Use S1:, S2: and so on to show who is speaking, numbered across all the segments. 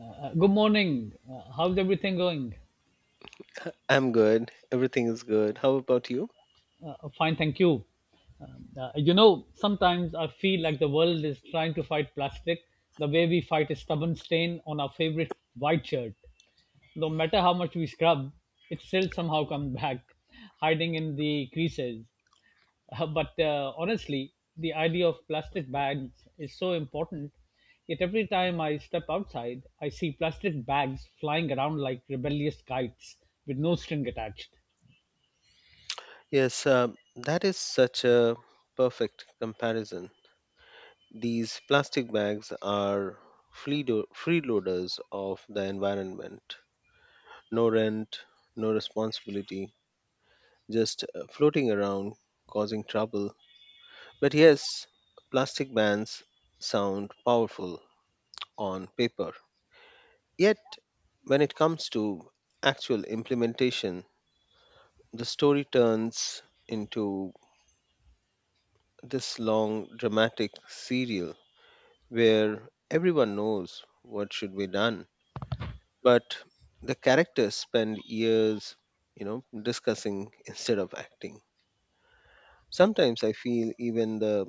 S1: Good morning. How's everything going?
S2: I'm good. Everything is good. How about you?
S1: Fine, thank you. Sometimes I feel like the world is trying to fight plastic the way we fight a stubborn stain on our favorite white shirt. No matter how much we scrub, it still somehow comes back, hiding in the creases. But Honestly, the idea of plastic bags is so important. Yet every time I step outside, I see plastic bags flying around like rebellious kites with no string attached.
S2: Yes, that is such a perfect comparison. These plastic bags are freeloaders of the environment. No rent, no responsibility, just floating around causing trouble. But yes, plastic bans sound powerful on paper. Yet, when it comes to actual implementation, the story turns into this long dramatic serial where everyone knows what should be done, but the characters spend years discussing instead of acting. Sometimes I feel even the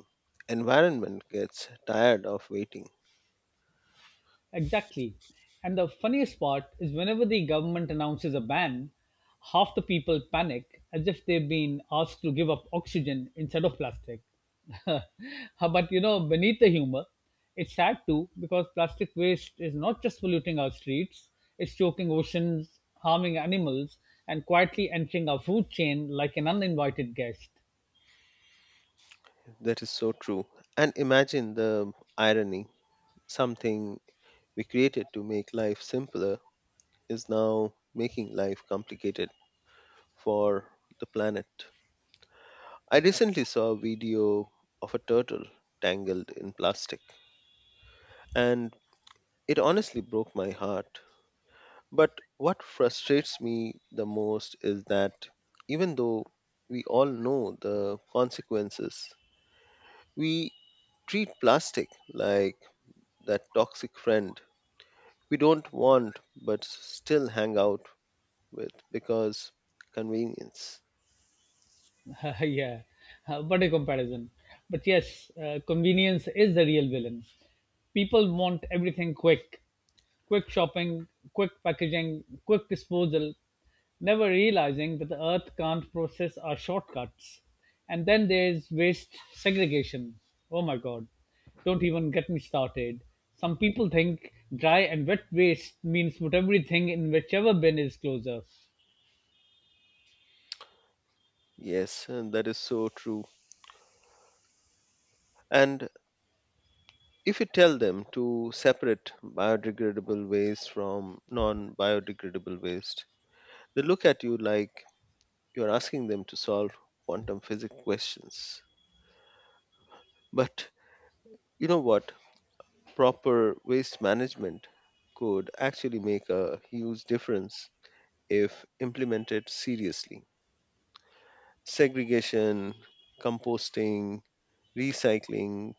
S2: environment gets tired of waiting.
S1: Exactly. And the funniest part is whenever the government announces a ban, half the people panic as if they've been asked to give up oxygen instead of plastic. But you know, beneath the humor, it's sad too because plastic waste is not just polluting our streets, it's choking oceans, harming animals, and quietly entering our food chain like an uninvited guest.
S2: That is so true. And imagine the irony, something we created to make life simpler is now making life complicated for the planet. I recently saw a video of a turtle tangled in plastic, and it honestly broke my heart. But what frustrates me the most is that, even though we all know the consequences, we treat plastic like that toxic friend we don't want but still hang out with because convenience.
S1: Yeah, what a comparison. But yes, convenience is the real villain. People want everything quick quick shopping, quick packaging, quick disposal, never realizing that the earth can't process our shortcuts. And then there's waste segregation. Oh my god, don't even get me started. Some people think dry and wet waste means put everything in whichever bin is closer.
S2: Yes, and that is so true. And if you tell them to separate biodegradable waste from non biodegradable waste, they look at you like you're asking them to solve quantum physics questions. But you know what? Proper waste management could actually make a huge difference if implemented seriously. Segregation, composting, recycling,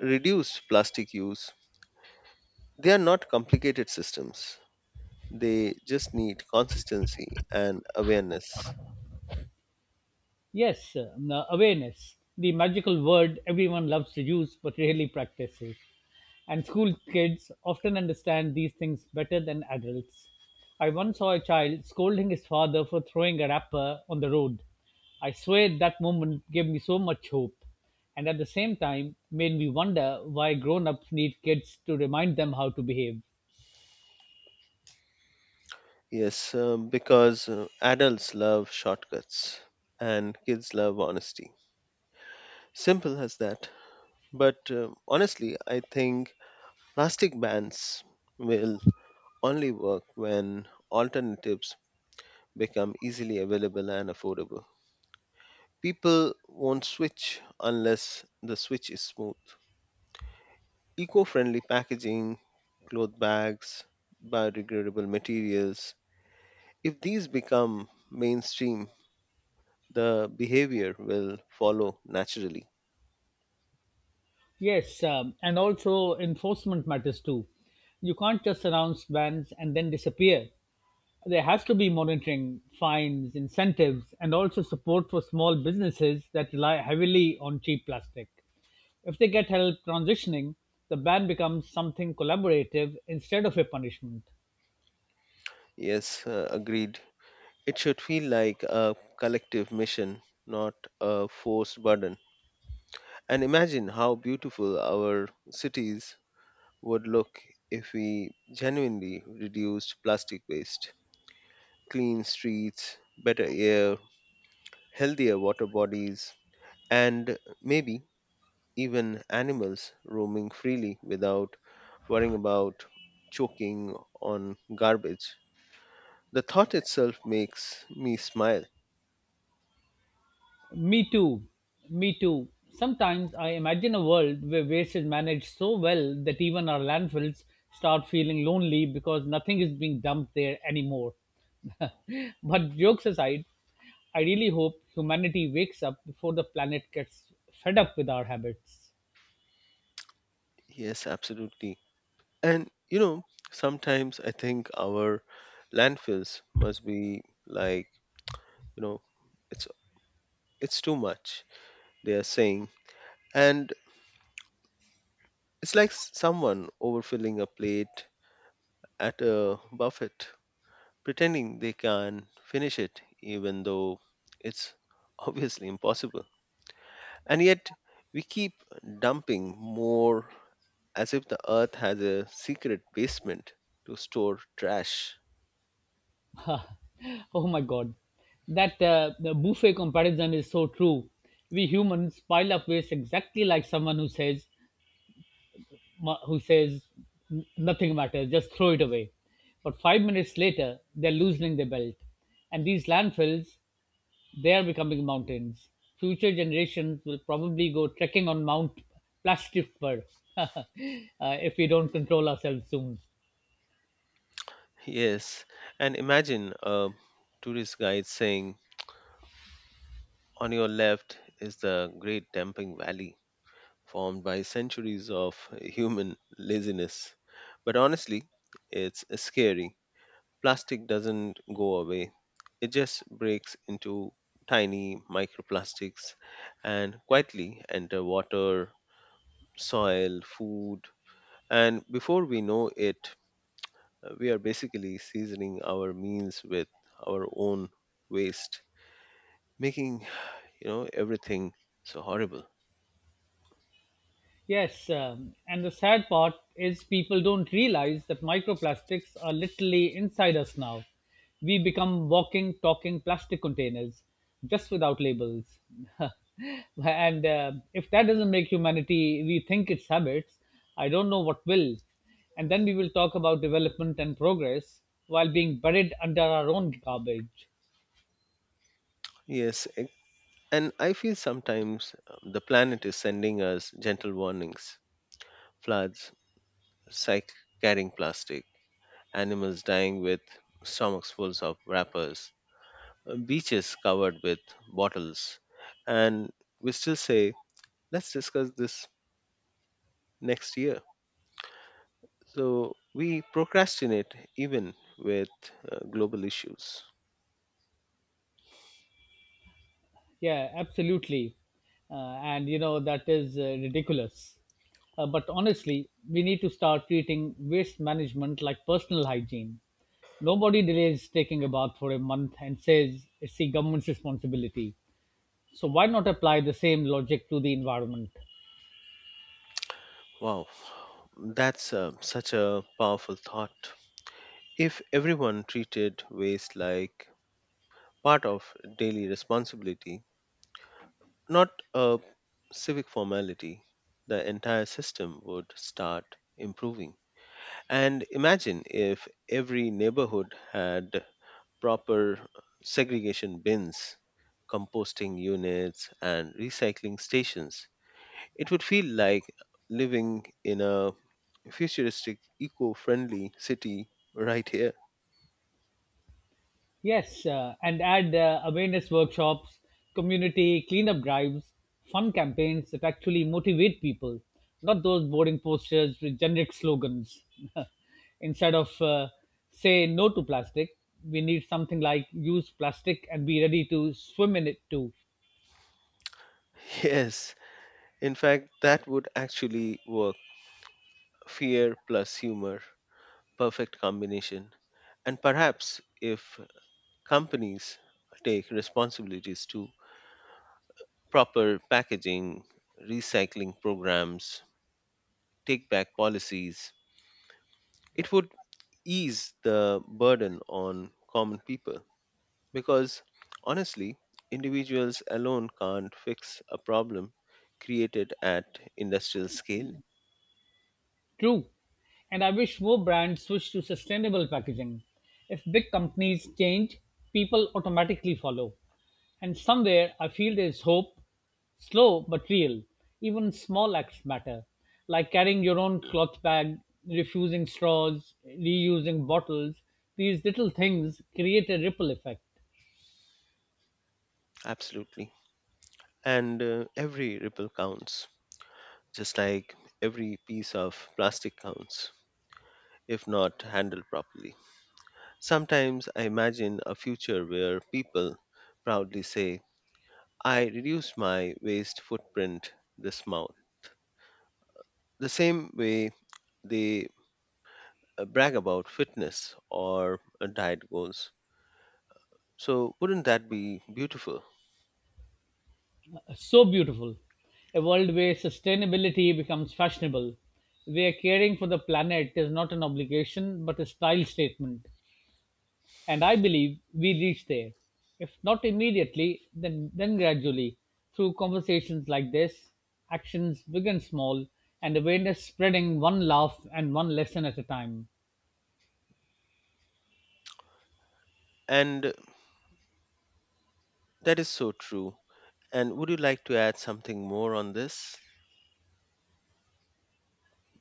S2: reduced plastic use, they are not complicated systems. They just need consistency and awareness.
S1: Yes, awareness, the magical word everyone loves to use but rarely practices. And school kids often understand these things better than adults. I once saw a child scolding his father for throwing a wrapper on the road. I swear that moment gave me so much hope, and at the same time made me wonder why grown ups need kids to remind them how to behave.
S2: Yes, because adults love shortcuts and kids love honesty. Simple as that. But honestly, I think plastic bans will only work when alternatives become easily available and affordable. People won't switch unless the switch is smooth. Eco friendly packaging, cloth bags, biodegradable materials, if these become mainstream, the behavior will follow naturally.
S1: Yes, and also enforcement matters too. You can't just announce bans and then disappear. There has to be monitoring, fines, incentives, and also support for small businesses that rely heavily on cheap plastic. If they get help transitioning, the ban becomes something collaborative instead of a punishment.
S2: Yes, agreed. It should feel like a collective mission, not a forced burden. And imagine how beautiful our cities would look if we genuinely reduced plastic waste: clean streets, better air, healthier water bodies, and maybe even animals roaming freely without worrying about choking on garbage. The thought itself makes me smile.
S1: Me too. Me too. Sometimes I imagine a world where waste is managed so well that even our landfills start feeling lonely because nothing is being dumped there anymore. But jokes aside, I really hope humanity wakes up before the planet gets fed up with our habits.
S2: Yes, absolutely. And sometimes I think our landfills must be like, you know, it's it's too much, they are saying. And it's like someone overfilling a plate at a buffet, pretending they can finish it even though it's obviously impossible. And yet, we keep dumping more as if the earth has a secret basement to store trash.
S1: Oh my god. That The buffet comparison is so true. We humans pile up waste exactly like someone who says, who says nothing matters, just throw it away. But 5 minutes later, they're loosening their belt. And these landfills, they are becoming mountains. Future generations will probably go trekking on Mount Plastiffer uh, if we don't control ourselves soon.
S2: Yes, and imagine a tourist guide saying, "On your left is the great dumping valley formed by centuries of human laziness." But honestly, it's scary. Plastic doesn't go away, it just breaks into tiny microplastics and quietly enter water, soil, food, and before we know it, we are basically seasoning our meals with our own waste, making everything so horrible.
S1: Yes, and the sad part is people don't realize that microplastics are literally inside us now. We become walking, talking plastic containers, just without labels. And if that doesn't make humanity rethink its habits, I don't know what will. And then we will talk about development and progress while being buried under our own garbage.
S2: Yes, and I feel sometimes the planet is sending us gentle warnings: floods, psych carrying plastic, animals dying with stomachs full of wrappers, beaches covered with bottles, and we still say, "Let's discuss this next year." So we procrastinate even with global issues.
S1: Yeah, absolutely. And you know, that is ridiculous. But honestly, we need to start treating waste management like personal hygiene. Nobody delays taking a bath for a month and says it's the government's responsibility. So why not apply the same logic to the environment?
S2: Wow, that's such a powerful thought. If everyone treated waste like part of daily responsibility, not a civic formality, the entire system would start improving. And imagine if every neighborhood had proper segregation bins, composting units, and recycling stations. It would feel like living in a futuristic, eco friendly city right here.
S1: Yes, and add awareness workshops, community cleanup drives, fun campaigns that actually motivate people, not those boring posters with generic slogans. Instead of say no to plastic, we need something like use plastic and be ready to swim in it too.
S2: Yes, in fact, that would actually work. Fear plus humor, perfect combination. And perhaps if companies take responsibilities too, proper packaging, recycling programs, take back policies, it would ease the burden on common people. Because honestly, individuals alone can't fix a problem created at industrial scale.
S1: True. And I wish more brands switch to sustainable packaging. If big companies change, people automatically follow. And somewhere I feel there is hope, slow but real. Even small acts matter, like carrying your own cloth bag, refusing straws, reusing bottles. These little things create a ripple effect.
S2: Absolutely. And every ripple counts, just like every piece of plastic counts, if not handled properly. Sometimes I imagine a future where people proudly say, "I reduced my waste footprint this month," the same way they brag about fitness or diet goals. So, wouldn't that be beautiful?
S1: So beautiful. A world where sustainability becomes fashionable, where caring for the planet is not an obligation but a style statement. And I believe we reach there, if not immediately, then gradually, through conversations like this, actions big and small, and awareness spreading one laugh and one lesson at a time.
S2: And that is so true. And would you like to add something more on this?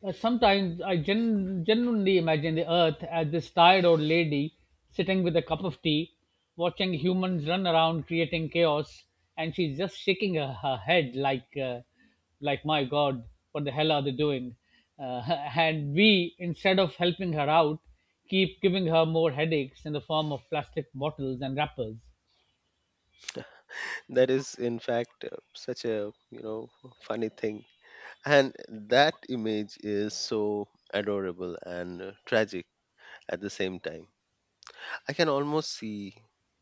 S1: Sometimes I genuinely imagine the earth as this tired old lady sitting with a cup of tea, watching humans run around creating chaos, and she's just shaking her head like, like, my God, what the hell are they doing? Uh, and we, instead of helping her out, keep giving her more headaches in the form of plastic bottles and wrappers.
S2: That is, in fact, such a funny thing. And that image is so adorable and tragic at the same time. I can almost see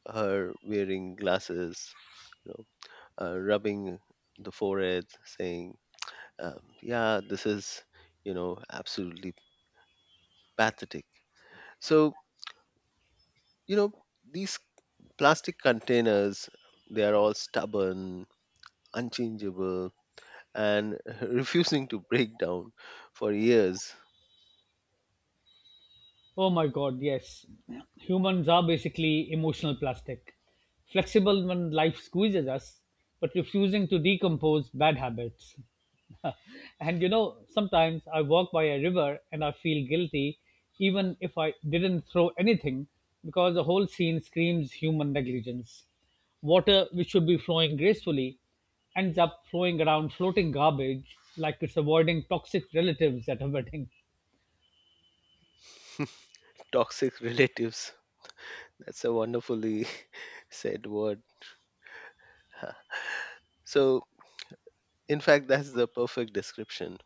S2: her wearing glasses, you know, rubbing the forehead, saying, "Yeah, this is absolutely pathetic." So you know these plastic containers, they are all stubborn, unchangeable, and refusing to break down for years.
S1: Oh my god, yes. Humans are basically emotional plastic, flexible when life squeezes us, but refusing to decompose bad habits. And you know, sometimes I walk by a river and I feel guilty, even if I didn't throw anything, because the whole scene screams human negligence. Water, which should be flowing gracefully, ends up flowing around floating garbage like it's avoiding toxic relatives at a wedding.
S2: Toxic relatives. That's a wonderfully said word. Huh. So, in fact, that's the perfect description.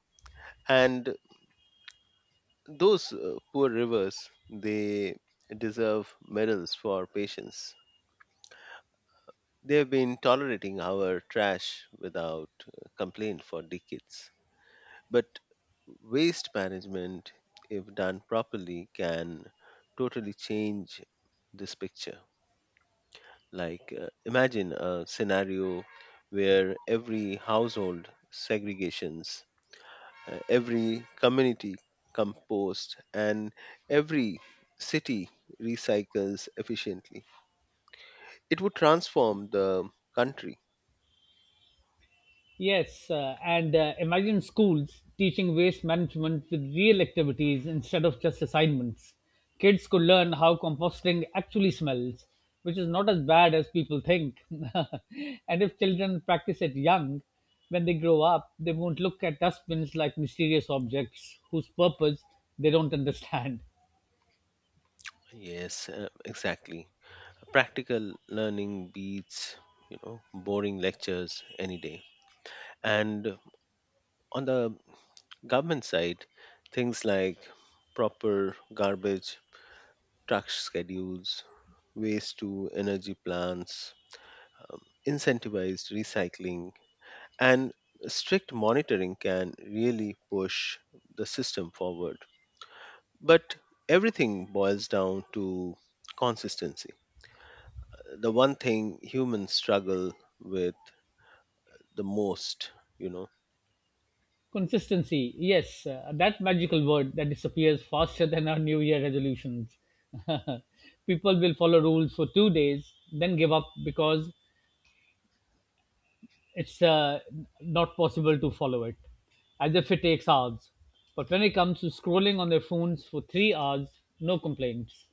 S2: And those poor rivers, they deserve medals for patience. They've been tolerating our trash without complaint for decades. But waste management, if done properly, can totally change this picture. Like, imagine a scenario where every household segregations, every community compost, and every city recycles efficiently. It would transform the country.
S1: Yes, and imagine schools teaching waste management with real activities instead of just assignments. Kids could learn how composting actually smells, which is not as bad as people think. And if children practice it young, when they grow up, they won't look at dustbins like mysterious objects whose purpose they don't understand.
S2: Yes, exactly. Practical learning beats, boring lectures any day. And on the government side, things like proper garbage truck schedules, waste to energy plants, um, incentivized recycling, and strict monitoring can really push the system forward. But everything boils down to consistency, the one thing humans struggle with the most, you know.
S1: Consistency, yes, that magical word that disappears faster than our New Year resolutions. People will follow rules for 2 days, then give up because it's not possible to follow it, as if it takes hours. But when it comes to scrolling on their phones for 3 hours, no complaints.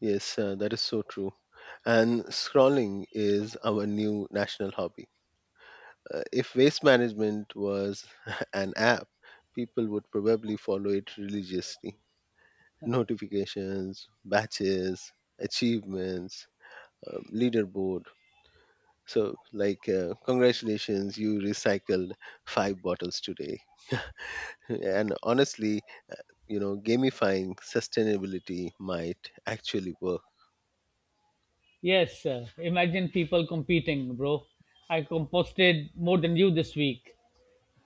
S2: Yes, that is so true. And scrolling is our new national hobby. If waste management was an app, people would probably follow it religiously. Notifications, batches, achievements, leaderboard. So, like, congratulations, you recycled five bottles today. And honestly, gamifying sustainability might actually work.
S1: Yes, imagine people competing, bro. I composted more than you this week.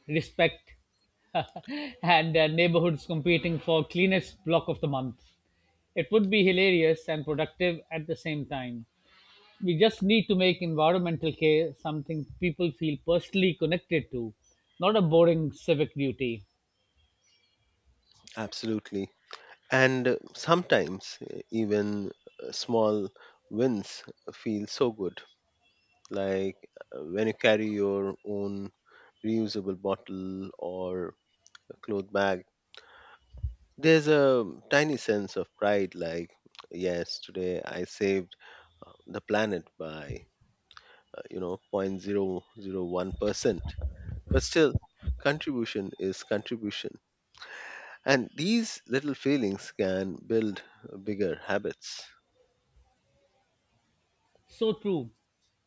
S1: Respect, and neighborhoods competing for cleanest block of the month. It would be hilarious and productive at the same time. We just need to make environmental care something people feel personally connected to, not a boring civic duty.
S2: Absolutely. And sometimes even small wins feel so good, like when you carry your own reusable bottle or a cloth bag. There's a tiny sense of pride, like, yes, today I saved the planet by 0.001%. But still, contribution is contribution. And these little feelings can build bigger habits.
S1: So true.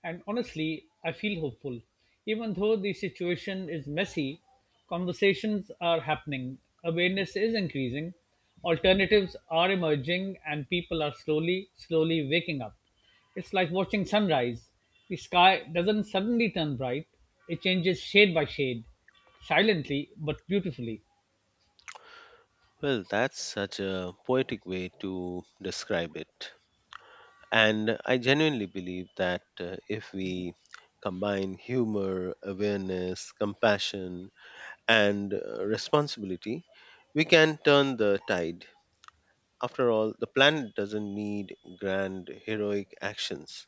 S1: And honestly, I feel hopeful. Even though the situation is messy, conversations are happening, awareness is increasing, alternatives are emerging, and people are slowly, slowly waking up. It's like watching sunrise. The sky doesn't suddenly turn bright, it changes shade by shade, silently but beautifully.
S2: Well, that's such a poetic way to describe it. And I genuinely believe that if we combine humor, awareness, compassion, and responsibility, we can turn the tide. After all, the planet doesn't need grand heroic actions,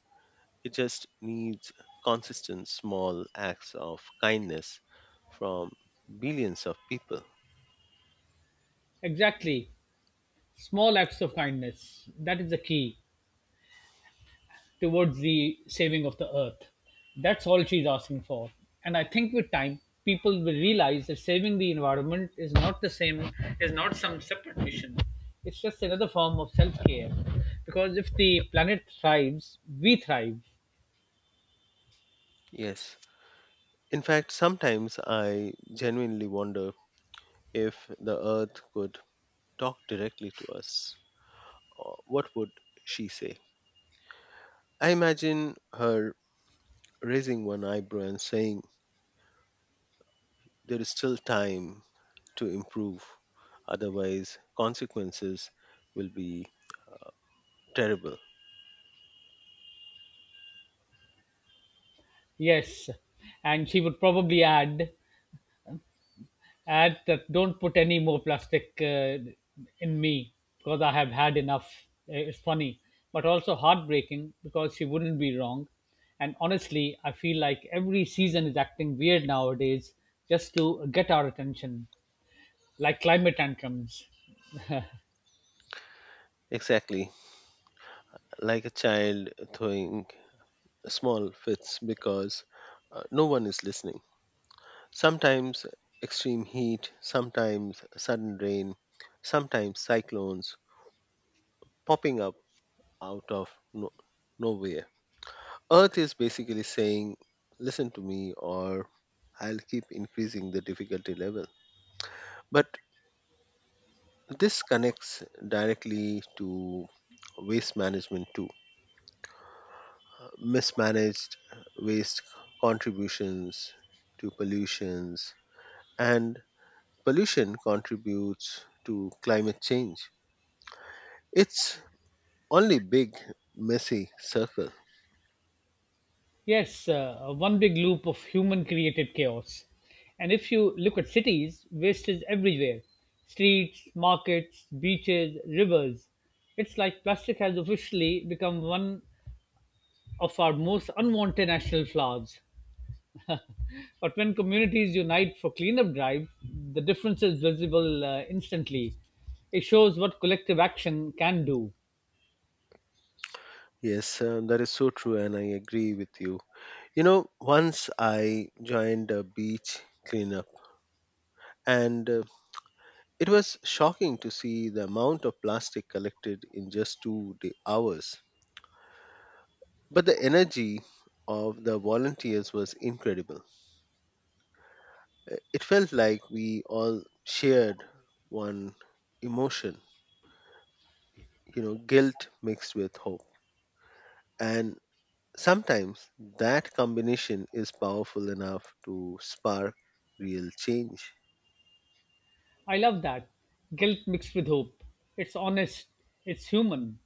S2: it just needs consistent small acts of kindness from billions of people.
S1: Exactly. Small acts of kindness. That is the key. Towards the saving of the earth. That's all she's asking for. And I think with time, people will realize that saving the environment is not the same, is not some separate mission. It's just another form of self care. Because if the planet thrives, we thrive.
S2: Yes. In fact, sometimes I genuinely wonder if the earth could talk directly to us. What would she say? I imagine her raising one eyebrow and saying, "There is still time to improve, otherwise, consequences will be terrible."
S1: Yes. And she would probably add that don't put any more plastic in me because I have had enough. It's funny, but also heartbreaking because she wouldn't be wrong. And honestly, I feel like every season is acting weird nowadays just to get our attention, like climate tantrums.
S2: Exactly, like a child throwing small fits because no one is listening. Sometimes extreme heat, sometimes sudden rain, sometimes cyclones popping up out of nowhere. Earth is basically saying, "Listen to me, or I'll keep increasing the difficulty level." But this connects directly to waste management too. Mismanaged waste contributions to pollutions, and pollution contributes to climate change. It's only big, messy circle.
S1: Yes, one big loop of human created chaos. And if you look at cities, waste is everywhere streets, markets, beaches, rivers. It's like plastic has officially become one of our most unwanted national flaws. But when communities unite for cleanup drive, the difference is visible instantly. It shows what collective action can do.
S2: Yes, that is so true, and I agree with you. You know, once I joined a beach cleanup, and it was shocking to see the amount of plastic collected in just hours. But the energy of the volunteers was incredible. It felt like we all shared one emotion, guilt mixed with hope. And sometimes that combination is powerful enough to spark real change.
S1: I love that. Guilt mixed with hope. It's honest, it's human.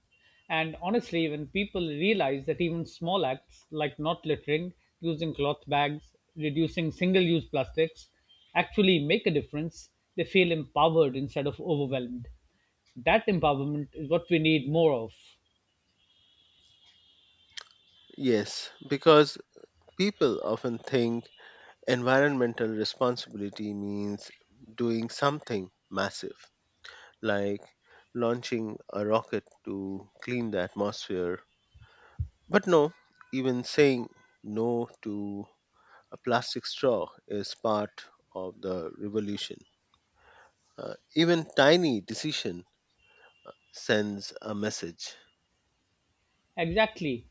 S1: And honestly, when people realize that even small acts like not littering, using cloth bags, reducing single use plastics actually make a difference, they feel empowered instead of overwhelmed. That empowerment is what we need more of.
S2: Yes, because people often think environmental responsibility means doing something massive, like launching a rocket to clean the atmosphere. But no, even saying no to a plastic straw is part of the revolution. Even tiny decision sends a message.
S1: Exactly.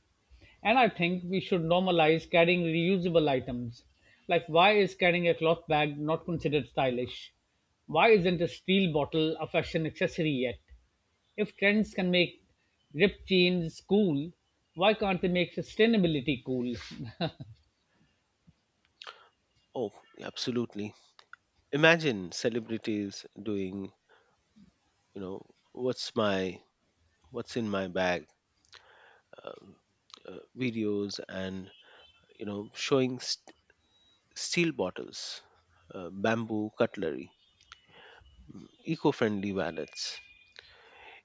S1: And I think we should normalize carrying reusable items. Like, why is carrying a cloth bag not considered stylish? Why isn't a steel bottle a fashion accessory yet? If trends can make ripped jeans cool, why can't they make sustainability cool?
S2: Oh, absolutely. Imagine celebrities doing, you know, what's my what's in my bag um, videos and showing steel bottles, bamboo cutlery, eco-friendly wallets.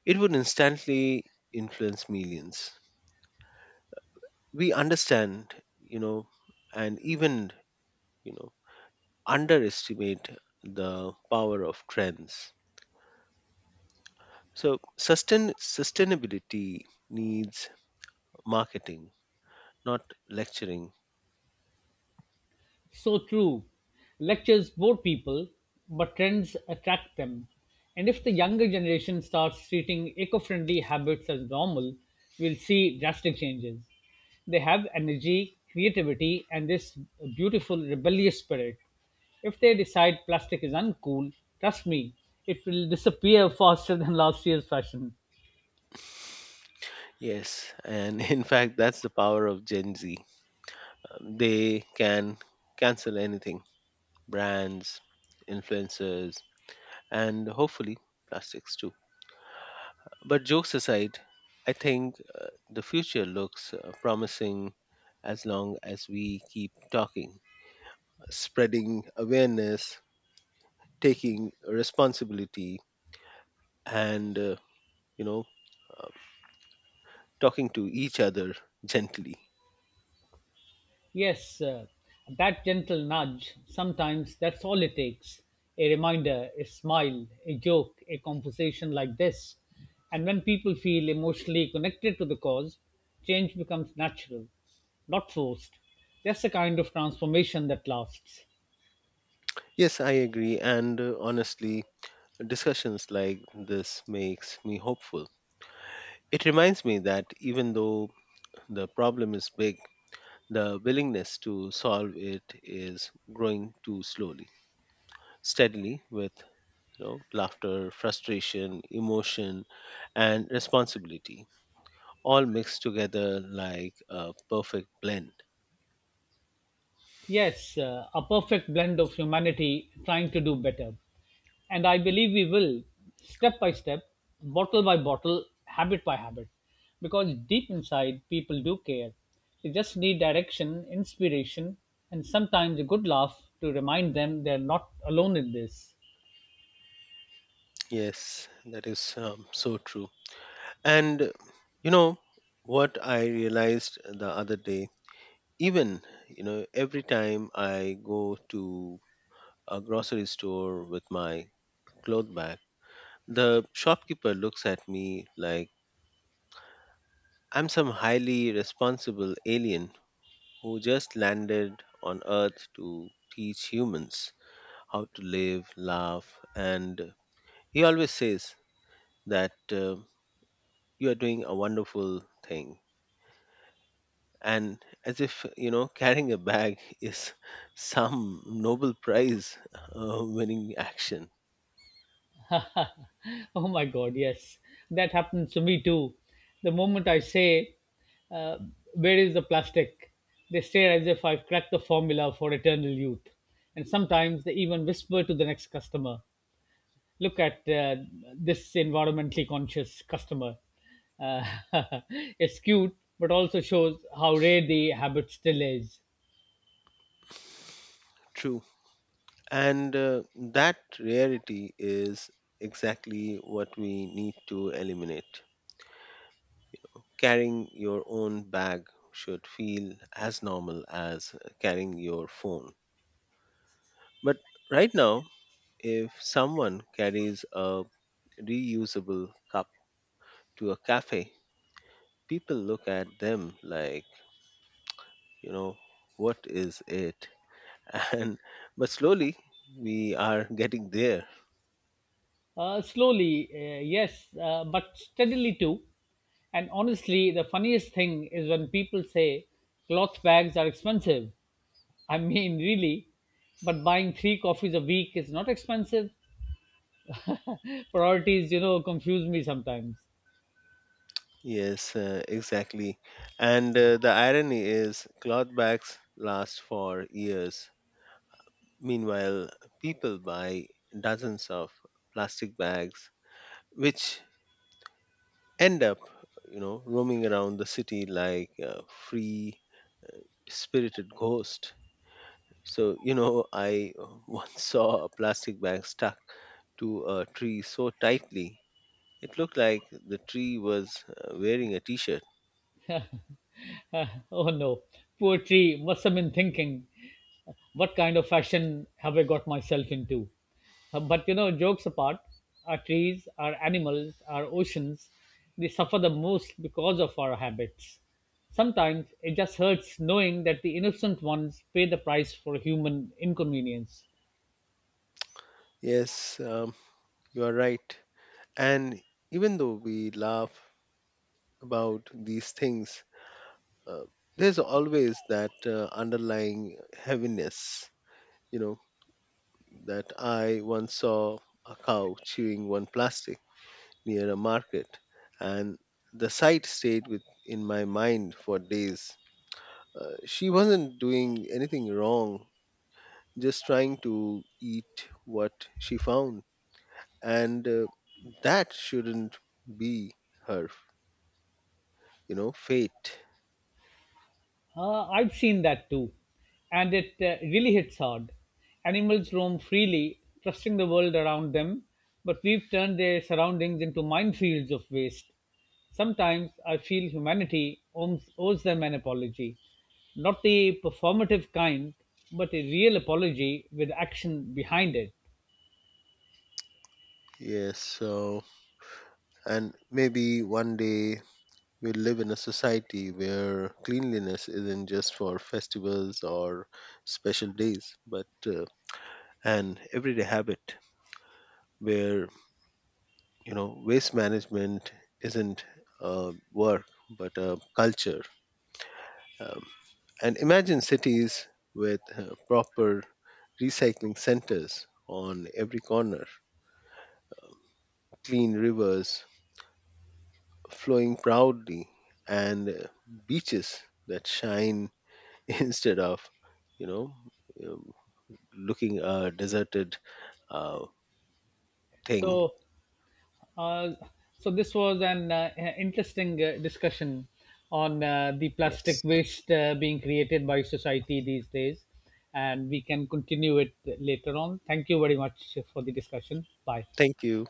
S2: It would instantly influence millions. We understand, you know, and even, you know, underestimate the power of trends. So sustainability needs marketing, not lecturing.
S1: So true. Lectures bore people, but trends attract them. And if the younger generation starts treating eco friendly habits as normal, we'll see drastic changes. They have energy, creativity, and this beautiful rebellious spirit. If they decide plastic is uncool, trust me, it will disappear faster than last year's fashion.
S2: Yes, and in fact, that's the power of Gen Z. They can cancel anything: brands, influencers, and hopefully plastics too. But jokes aside, I think the future looks promising as long as we keep talking, spreading awareness, taking responsibility, and you know, uh, talking to each other gently.
S1: Yes, that gentle nudge, sometimes that's all it takes. A reminder, a smile, a joke, a conversation like this. And when people feel emotionally connected to the cause, change becomes natural, not forced. That's the kind of transformation that lasts.
S2: Yes, I agree. And honestly, discussions like this makes me hopeful. It reminds me that, even though the problem is big, the willingness to solve it is growing too slowly, steadily, with laughter, frustration, emotion, and responsibility, all mixed together like a perfect blend.
S1: Yes, a perfect blend of humanity trying to do better. And I believe we will, step by step, bottle by bottle, habit by habit, because deep inside, people do care. They just need direction, inspiration, and sometimes a good laugh to remind them they're not alone in this.
S2: Yes, that is so true. And you know what I realized the other day? Even every time I go to a grocery store with my cloth bag, the shopkeeper looks at me like I'm some highly responsible alien who just landed on earth to teach humans how to live laugh, and he always says that you are doing a wonderful thing, and as if carrying a bag is some Nobel prize winning action.
S1: Oh my God, yes, that happens to me too. The moment I say, uh, where is the plastic? They stare as if I've cracked the formula for eternal youth. And sometimes they even whisper to the next customer, look at this environmentally conscious customer. Uh, it's cute, but also shows how rare the habit still is.
S2: True. And that rarity is exactly what we need to eliminate. Carrying your own bag should feel as normal as carrying your phone. But right now, if someone carries a reusable cup to a cafe, people look at them like, you know, what is it? And but slowly we are getting there.
S1: Slowly, yes, but steadily too. And honestly, the funniest thing is when people say cloth bags are expensive. I mean, really, but buying three coffees a week is not expensive. Priorities, you know, confuse me sometimes.
S2: Yes, exactly. And the irony is, cloth bags last for years. Meanwhile, people buy dozens of plastic bags, which end up, roaming around the city like a free spirited ghost. So, I once saw a plastic bag stuck to a tree so tightly, it looked like the tree was wearing a t shirt.
S1: Uh, oh no, poetry must have been thinking, what kind of fashion have I got myself into? But you know, jokes apart, our trees, our animals, our oceans, they suffer the most because of our habits. Sometimes it just hurts knowing that the innocent ones pay the price for human inconvenience.
S2: Yes, you are right. And even though we laugh about these things, uh, there's always that underlying heaviness, you know, that I once saw a cow chewing one plastic near a market, and the sight stayed with in my mind for days. She wasn't doing anything wrong, just trying to eat what she found, and that shouldn't be her fate.
S1: I've seen that too, and it really hits hard. Animals roam freely, trusting the world around them, but we've turned their surroundings into minefields of waste. Sometimes I feel humanity owes them an apology, not the performative kind, but a real apology with action behind it.
S2: Yes, so, and maybe one day we'll live in a society where cleanliness isn't just for festivals or special days, but an everyday habit, where, waste management isn't a work, but a culture. Um, and imagine cities with proper recycling centers on every corner, clean rivers flowing proudly, and beaches that shine instead of you know um, looking a deserted uh, thing.
S1: So, Uh, so this was an interesting discussion on the plastic
S2: Yes,
S1: waste being created by society these days, and we can continue it later on. Thank you very much for the discussion. Bye.
S2: thank you.